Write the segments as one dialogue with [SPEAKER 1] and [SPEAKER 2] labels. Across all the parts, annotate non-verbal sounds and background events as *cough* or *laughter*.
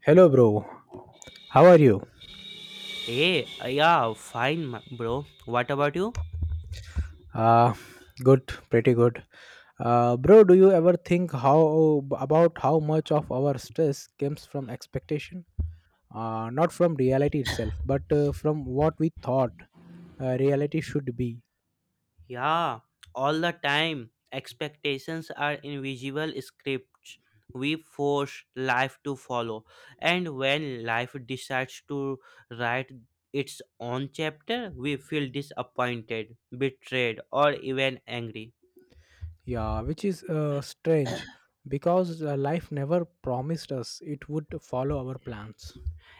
[SPEAKER 1] Hello, bro. How are you?
[SPEAKER 2] Hey, yeah, fine, bro. What about you?
[SPEAKER 1] Uh, Good, pretty good. Bro, do you ever think how about how much of our stress comes from expectation? Not from reality itself, but from what we thought reality should be.
[SPEAKER 2] Yeah, all the time. Expectations are invisible scripts we force life to follow. And when life decides to write its own chapter, we feel disappointed, betrayed, or even angry.
[SPEAKER 1] Yeah, which is strange because life never promised us it would follow our plans.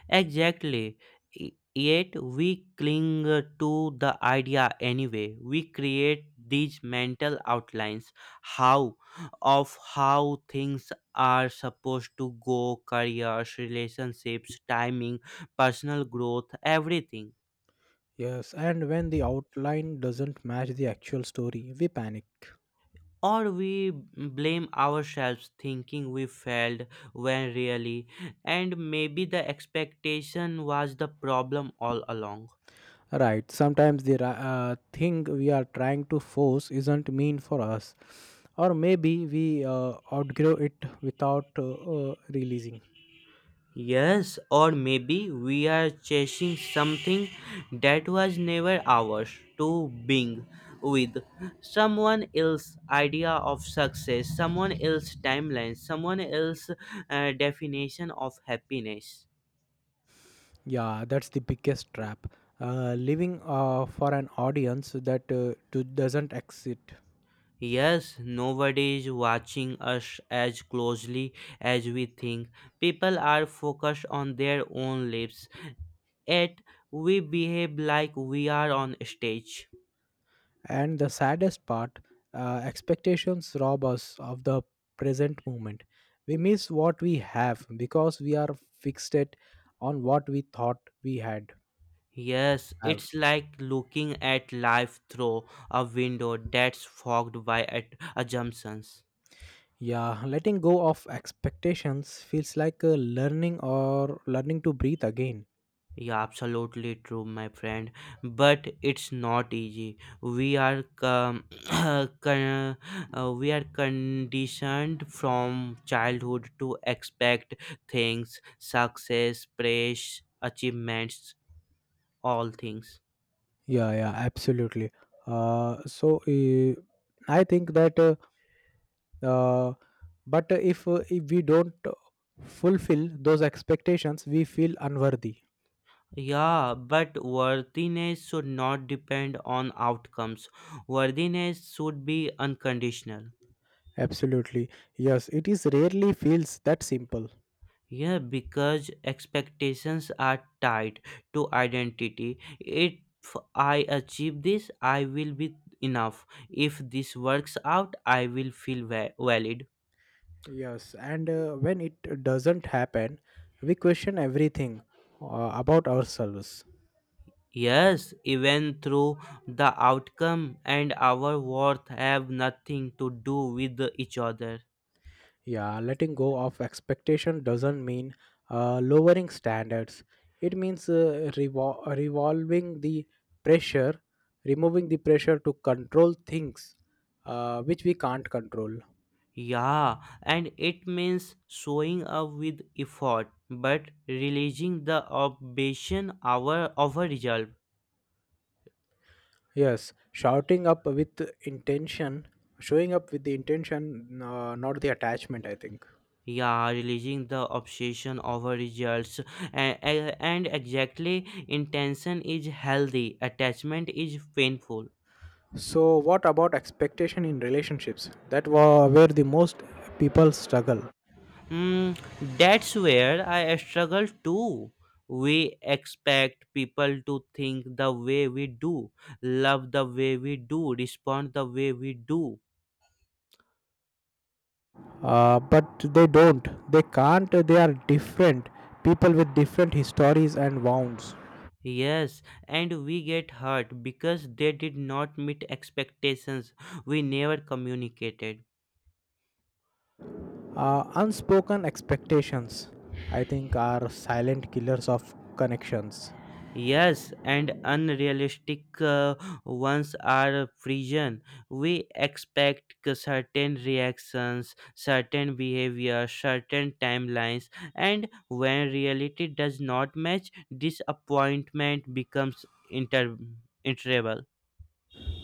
[SPEAKER 2] Exactly. Y- Yet we cling to the idea anyway. We create these mental outlines how of how things are supposed to go, careers, relationships, timing, personal growth, everything.
[SPEAKER 1] Yes, and when the outline doesn't match the actual story, we panic.
[SPEAKER 2] Or we blame ourselves thinking we failed when really and maybe the expectation was the problem all along.
[SPEAKER 1] Right, sometimes the thing we are trying to force isn't mean for us, or maybe we outgrow it without releasing.
[SPEAKER 2] Yes, or maybe we are chasing something that was never ours to being with someone else's idea of success, someone else's timeline, someone else's definition of happiness.
[SPEAKER 1] Yeah, that's the biggest trap. Living for an audience that doesn't exist.
[SPEAKER 2] Yes, nobody is watching us as closely as we think. People are focused on their own lives, yet we behave like we are on stage.
[SPEAKER 1] And the saddest part, expectations rob us of the present moment. We miss what we have because we are fixated on what we thought we had
[SPEAKER 2] Yes,
[SPEAKER 1] have.
[SPEAKER 2] it's like looking at life through a window that's fogged by assumptions.
[SPEAKER 1] Yeah, letting go of expectations feels like a learning or learning to breathe again.
[SPEAKER 2] Yeah, absolutely true, my friend. But it's not easy. *coughs* *clears throat* Con- we are conditioned from childhood to expect things, success, praise, achievements, all things.
[SPEAKER 1] Yeah, yeah, absolutely. Uh, so uh, I think that, uh, but if we don't fulfill those expectations, we feel unworthy.
[SPEAKER 2] Yeah, but worthiness should not depend on outcomes. Worthiness should be unconditional.
[SPEAKER 1] Absolutely. Yes, it is rarely feels that simple.
[SPEAKER 2] Yeah, because expectations are tied to identity. If I achieve this, I will be enough. If this works out, I will feel valid.
[SPEAKER 1] Yes, and when it doesn't happen, we question everything about ourselves.
[SPEAKER 2] Yes, even through the outcome and our worth have nothing to do with each other.
[SPEAKER 1] Yeah, letting go of expectation doesn't mean lowering standards. It means revolving the pressure, removing the pressure to control things which we can't control.
[SPEAKER 2] Yeah, and it means showing up with effort, but releasing the obsession over result.
[SPEAKER 1] Yes, shouting up with intention, showing up with the intention, not the attachment, I think.
[SPEAKER 2] Yeah, releasing the obsession over results. And, and exactly, intention is healthy, attachment is painful.
[SPEAKER 1] So, what about expectation in relationships? Where the most people struggle.
[SPEAKER 2] Mm, that's where I struggle too. We expect people to think the way we do, love the way we do, respond the way we do.
[SPEAKER 1] But they don't. They can't. They are different people with different histories and wounds.
[SPEAKER 2] Yes, and we get hurt because they did not meet expectations we never communicated.
[SPEAKER 1] Unspoken expectations, I think, are silent killers of connections.
[SPEAKER 2] Yes, and unrealistic ones are prison. We expect certain reactions, certain behavior, certain timelines, and when reality does not match, disappointment becomes interable.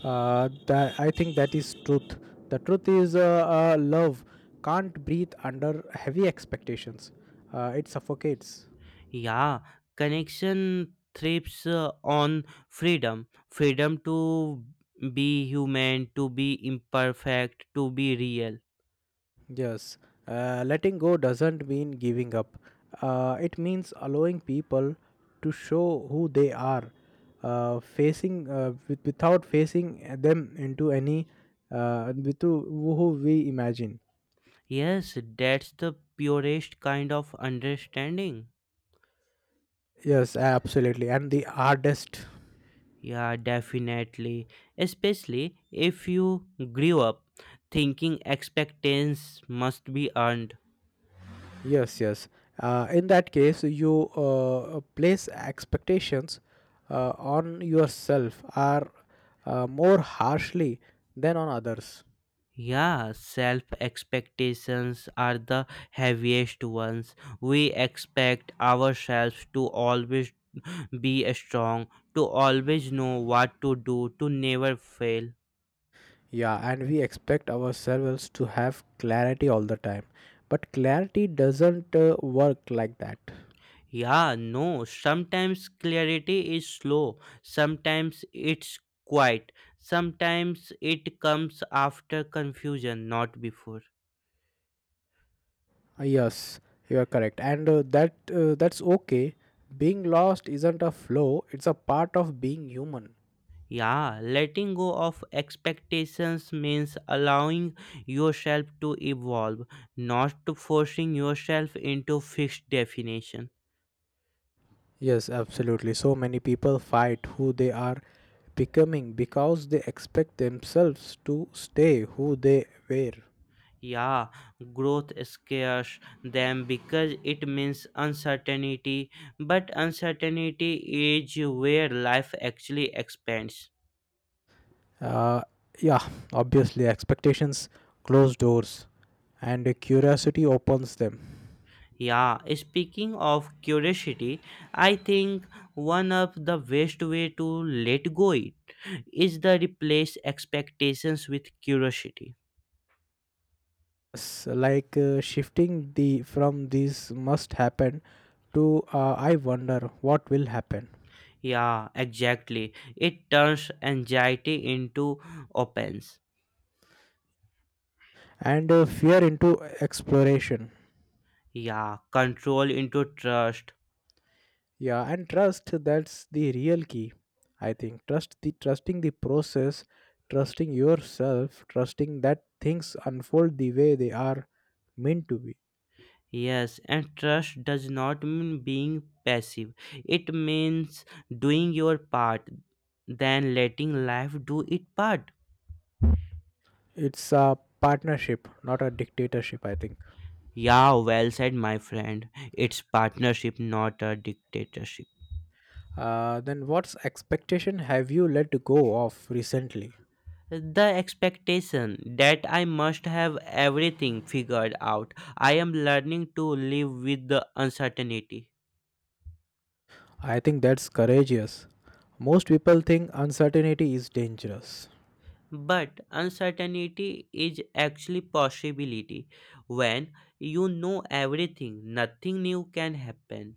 [SPEAKER 1] That I think that is truth. The truth is, love can't breathe under heavy expectations. It suffocates.
[SPEAKER 2] Yeah, connection thrives on freedom to be human, to be imperfect, to be real.
[SPEAKER 1] Yes, letting go doesn't mean giving up. It means allowing people to show who they are, facing with, without facing them into any with who we imagine.
[SPEAKER 2] Yes, that's the purest kind of understanding.
[SPEAKER 1] Yes, absolutely. And the hardest.
[SPEAKER 2] Yeah, definitely. Especially if you grew up thinking expectations must be earned.
[SPEAKER 1] Yes, yes. In that case, you place expectations on yourself are more harshly than on others.
[SPEAKER 2] Yeah, self expectations are the heaviest ones. We expect ourselves to always be strong, to always know what to do, to never fail.
[SPEAKER 1] Yeah, and we expect ourselves to have clarity all the time. But clarity doesn't work like that.
[SPEAKER 2] Yeah, no, sometimes clarity is slow, sometimes it's quiet, sometimes it comes after confusion, not before.
[SPEAKER 1] Yes, you are correct. And that that's okay. Being lost isn't a flaw, it's a part of being human.
[SPEAKER 2] Yeah, letting go of expectations means allowing yourself to evolve, not to forcing yourself into fixed definition.
[SPEAKER 1] Yes, absolutely. So many people fight who they are becoming because they expect themselves to stay who they were.
[SPEAKER 2] Yeah, growth scares them because it means uncertainty, but uncertainty is where life actually expands.
[SPEAKER 1] Uh, yeah, obviously, expectations close doors and curiosity opens them.
[SPEAKER 2] Yeah, speaking of curiosity, I think one of the best way to let go it is the replace expectations with curiosity.
[SPEAKER 1] It's like shifting the from this must happen to I wonder what will happen.
[SPEAKER 2] Yeah, exactly. It turns anxiety into opens.
[SPEAKER 1] And fear into exploration.
[SPEAKER 2] Yeah, control into trust.
[SPEAKER 1] Yeah, and trust, that's the real key. I think trust the trusting the process, trusting yourself, trusting that things unfold the way they are meant to be.
[SPEAKER 2] Yes, and trust does not mean being passive. It means doing your part, then letting life do its part.
[SPEAKER 1] It's a partnership, not a dictatorship, I think.
[SPEAKER 2] Yeah, well said, my friend. It's partnership, not a dictatorship.
[SPEAKER 1] Then what's expectation have you let go of recently?
[SPEAKER 2] The expectation that I must have everything figured out. I am learning to live with the uncertainty.
[SPEAKER 1] I think that's courageous. Most people think uncertainty is dangerous.
[SPEAKER 2] But uncertainty is actually possibility. When you know everything, nothing new can happen.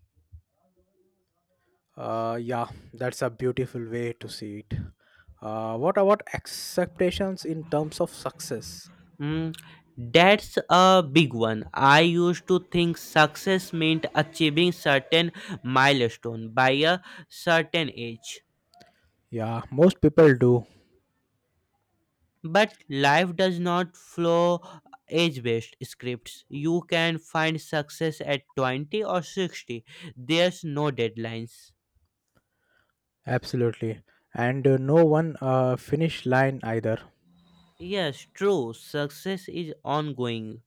[SPEAKER 1] Yeah, that's a beautiful way to see it. What about expectations in terms of success?
[SPEAKER 2] Mm, that's a big one. I used to think success meant achieving certain milestone by a certain age.
[SPEAKER 1] Yeah, most people do.
[SPEAKER 2] But life does not flow age-based scripts. You can find success at 20 or 60. There's no deadlines.
[SPEAKER 1] Absolutely. And no one finish line either.
[SPEAKER 2] Yes, true. Success is ongoing,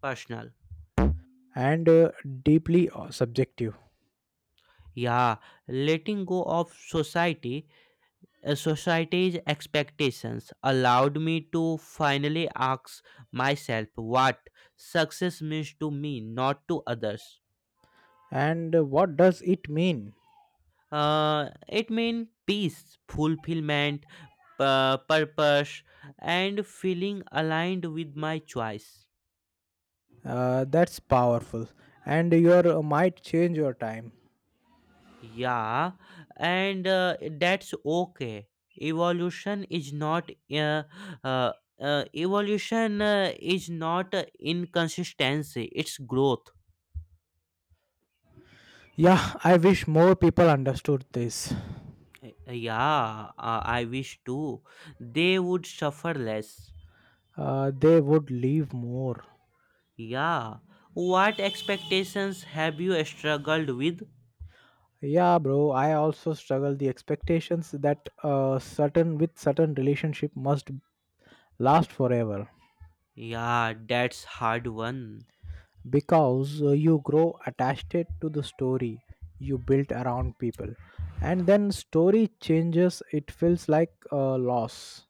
[SPEAKER 2] personal.
[SPEAKER 1] And deeply subjective.
[SPEAKER 2] Yeah, letting go of society, society's expectations allowed me to finally ask myself what success means to me, not to others.
[SPEAKER 1] And what does it mean?
[SPEAKER 2] It means peace, fulfillment, purpose, and feeling aligned with my choice.
[SPEAKER 1] That's powerful. And your might change your time.
[SPEAKER 2] Yeah, and that's okay. Evolution is not uh, uh, evolution is not inconsistency. It's growth.
[SPEAKER 1] Yeah, I wish more people understood this.
[SPEAKER 2] Yeah, I wish too. They would suffer less.
[SPEAKER 1] They would live more.
[SPEAKER 2] Yeah. What expectations have you struggled with?
[SPEAKER 1] Yeah, bro. I also struggle the expectations that certain with certain relationship must last forever
[SPEAKER 2] Yeah, that's hard one.
[SPEAKER 1] because you grow attached it to the story you built around people, and then story changes. It feels like a loss.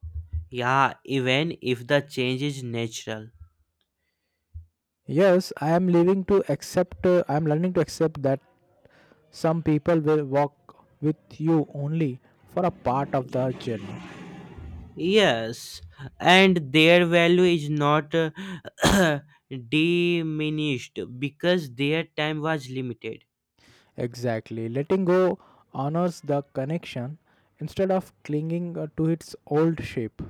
[SPEAKER 2] Yeah, even if the change is natural.
[SPEAKER 1] Yes, I am leaving to accept. I am learning to accept that some people will walk with you only for a part of the journey.
[SPEAKER 2] Yes, and their value is not *clears throat* diminished because their time was limited.
[SPEAKER 1] Exactly. Letting go honors the connection instead of clinging to its old shape.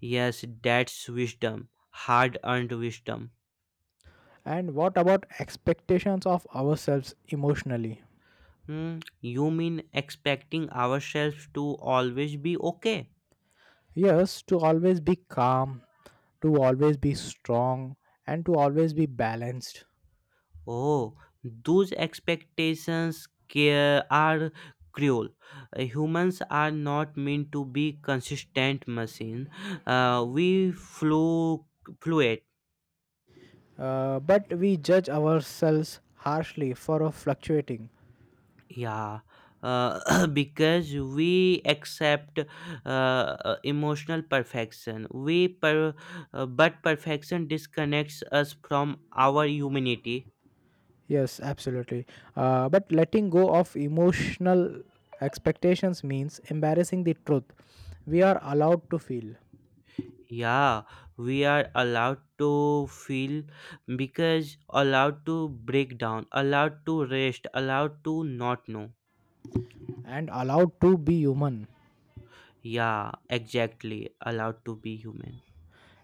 [SPEAKER 2] Yes, that's wisdom, hard earned wisdom.
[SPEAKER 1] And what about expectations of ourselves emotionally?
[SPEAKER 2] Hmm, you mean expecting ourselves to always be okay?
[SPEAKER 1] Yes, to always be calm, to always be strong, and to always be balanced.
[SPEAKER 2] Oh, those expectations are cruel. Humans are not meant to be consistent machines. Uh, we flu- fluctuate.
[SPEAKER 1] But we judge ourselves harshly for fluctuating.
[SPEAKER 2] Yeah, *clears throat* because we accept emotional perfection. But perfection disconnects us from our humanity.
[SPEAKER 1] Yes, absolutely. But letting go of emotional expectations means embarrassing the truth we are allowed to feel.
[SPEAKER 2] Yeah, we are allowed to feel because allowed to break down, allowed to rest, allowed to not know.
[SPEAKER 1] And allowed to be human.
[SPEAKER 2] Yeah, exactly, allowed to be human.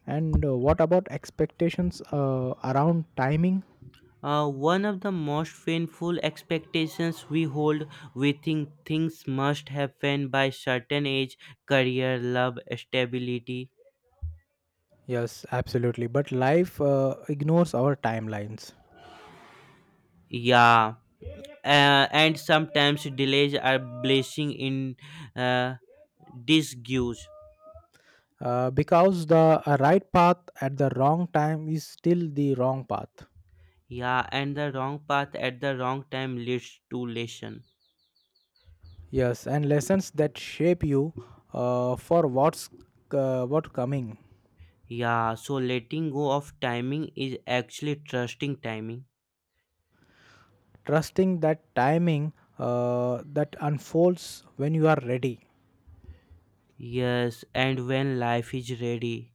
[SPEAKER 1] And what about expectations around timing?
[SPEAKER 2] One of the most painful expectations we hold, we think things must happen by certain age, career, love, stability.
[SPEAKER 1] Yes, absolutely, but life ignores our timelines.
[SPEAKER 2] Yeah, uh, and sometimes delays are blessing in uh, disguise.
[SPEAKER 1] Because the right path at the wrong time is still the wrong path.
[SPEAKER 2] Yeah, and the wrong path at the wrong time leads to lesson.
[SPEAKER 1] Yes, and lessons that shape you for what's what coming.
[SPEAKER 2] Yeah, so letting go of timing is actually trusting timing.
[SPEAKER 1] Trusting that timing that unfolds when you are ready.
[SPEAKER 2] Yes, and when life is ready.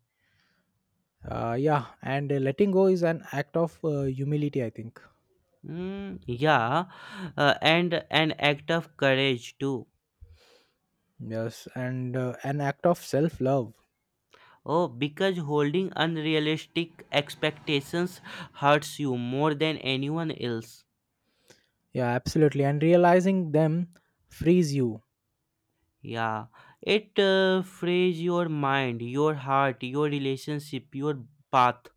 [SPEAKER 1] Yeah, and letting go is an act of humility, I think.
[SPEAKER 2] Mm, yeah, and an act of courage too.
[SPEAKER 1] Yes, and an act of self love.
[SPEAKER 2] Oh, because holding unrealistic expectations hurts you more than anyone else.
[SPEAKER 1] Yeah, absolutely. And realizing them frees you.
[SPEAKER 2] Yeah, it frays your mind, your heart, your relationship, your path,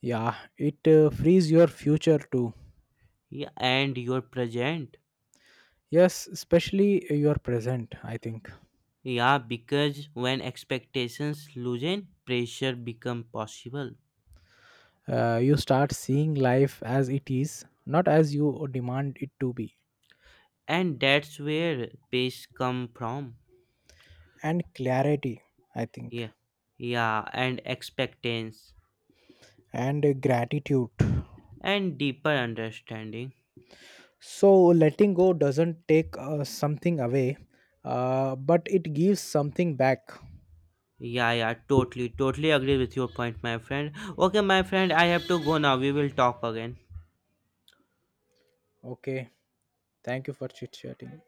[SPEAKER 1] Yeah, it frees your future too.
[SPEAKER 2] yeah, and your present.
[SPEAKER 1] Yes, especially your present, I think.
[SPEAKER 2] Yeah, because when expectations loosen, pressure become possible,
[SPEAKER 1] You start seeing life as it is, not as you demand it to be.
[SPEAKER 2] and that's where peace come from.
[SPEAKER 1] And clarity, I think.
[SPEAKER 2] Yeah, yeah, and expectance
[SPEAKER 1] And gratitude.
[SPEAKER 2] and deeper understanding.
[SPEAKER 1] So, letting go doesn't take something away, but it gives something back.
[SPEAKER 2] Yeah, yeah, totally, totally agree with your point, my friend. Okay, my friend, I have to go now. We will talk again.
[SPEAKER 1] Okay, thank you for chit chatting.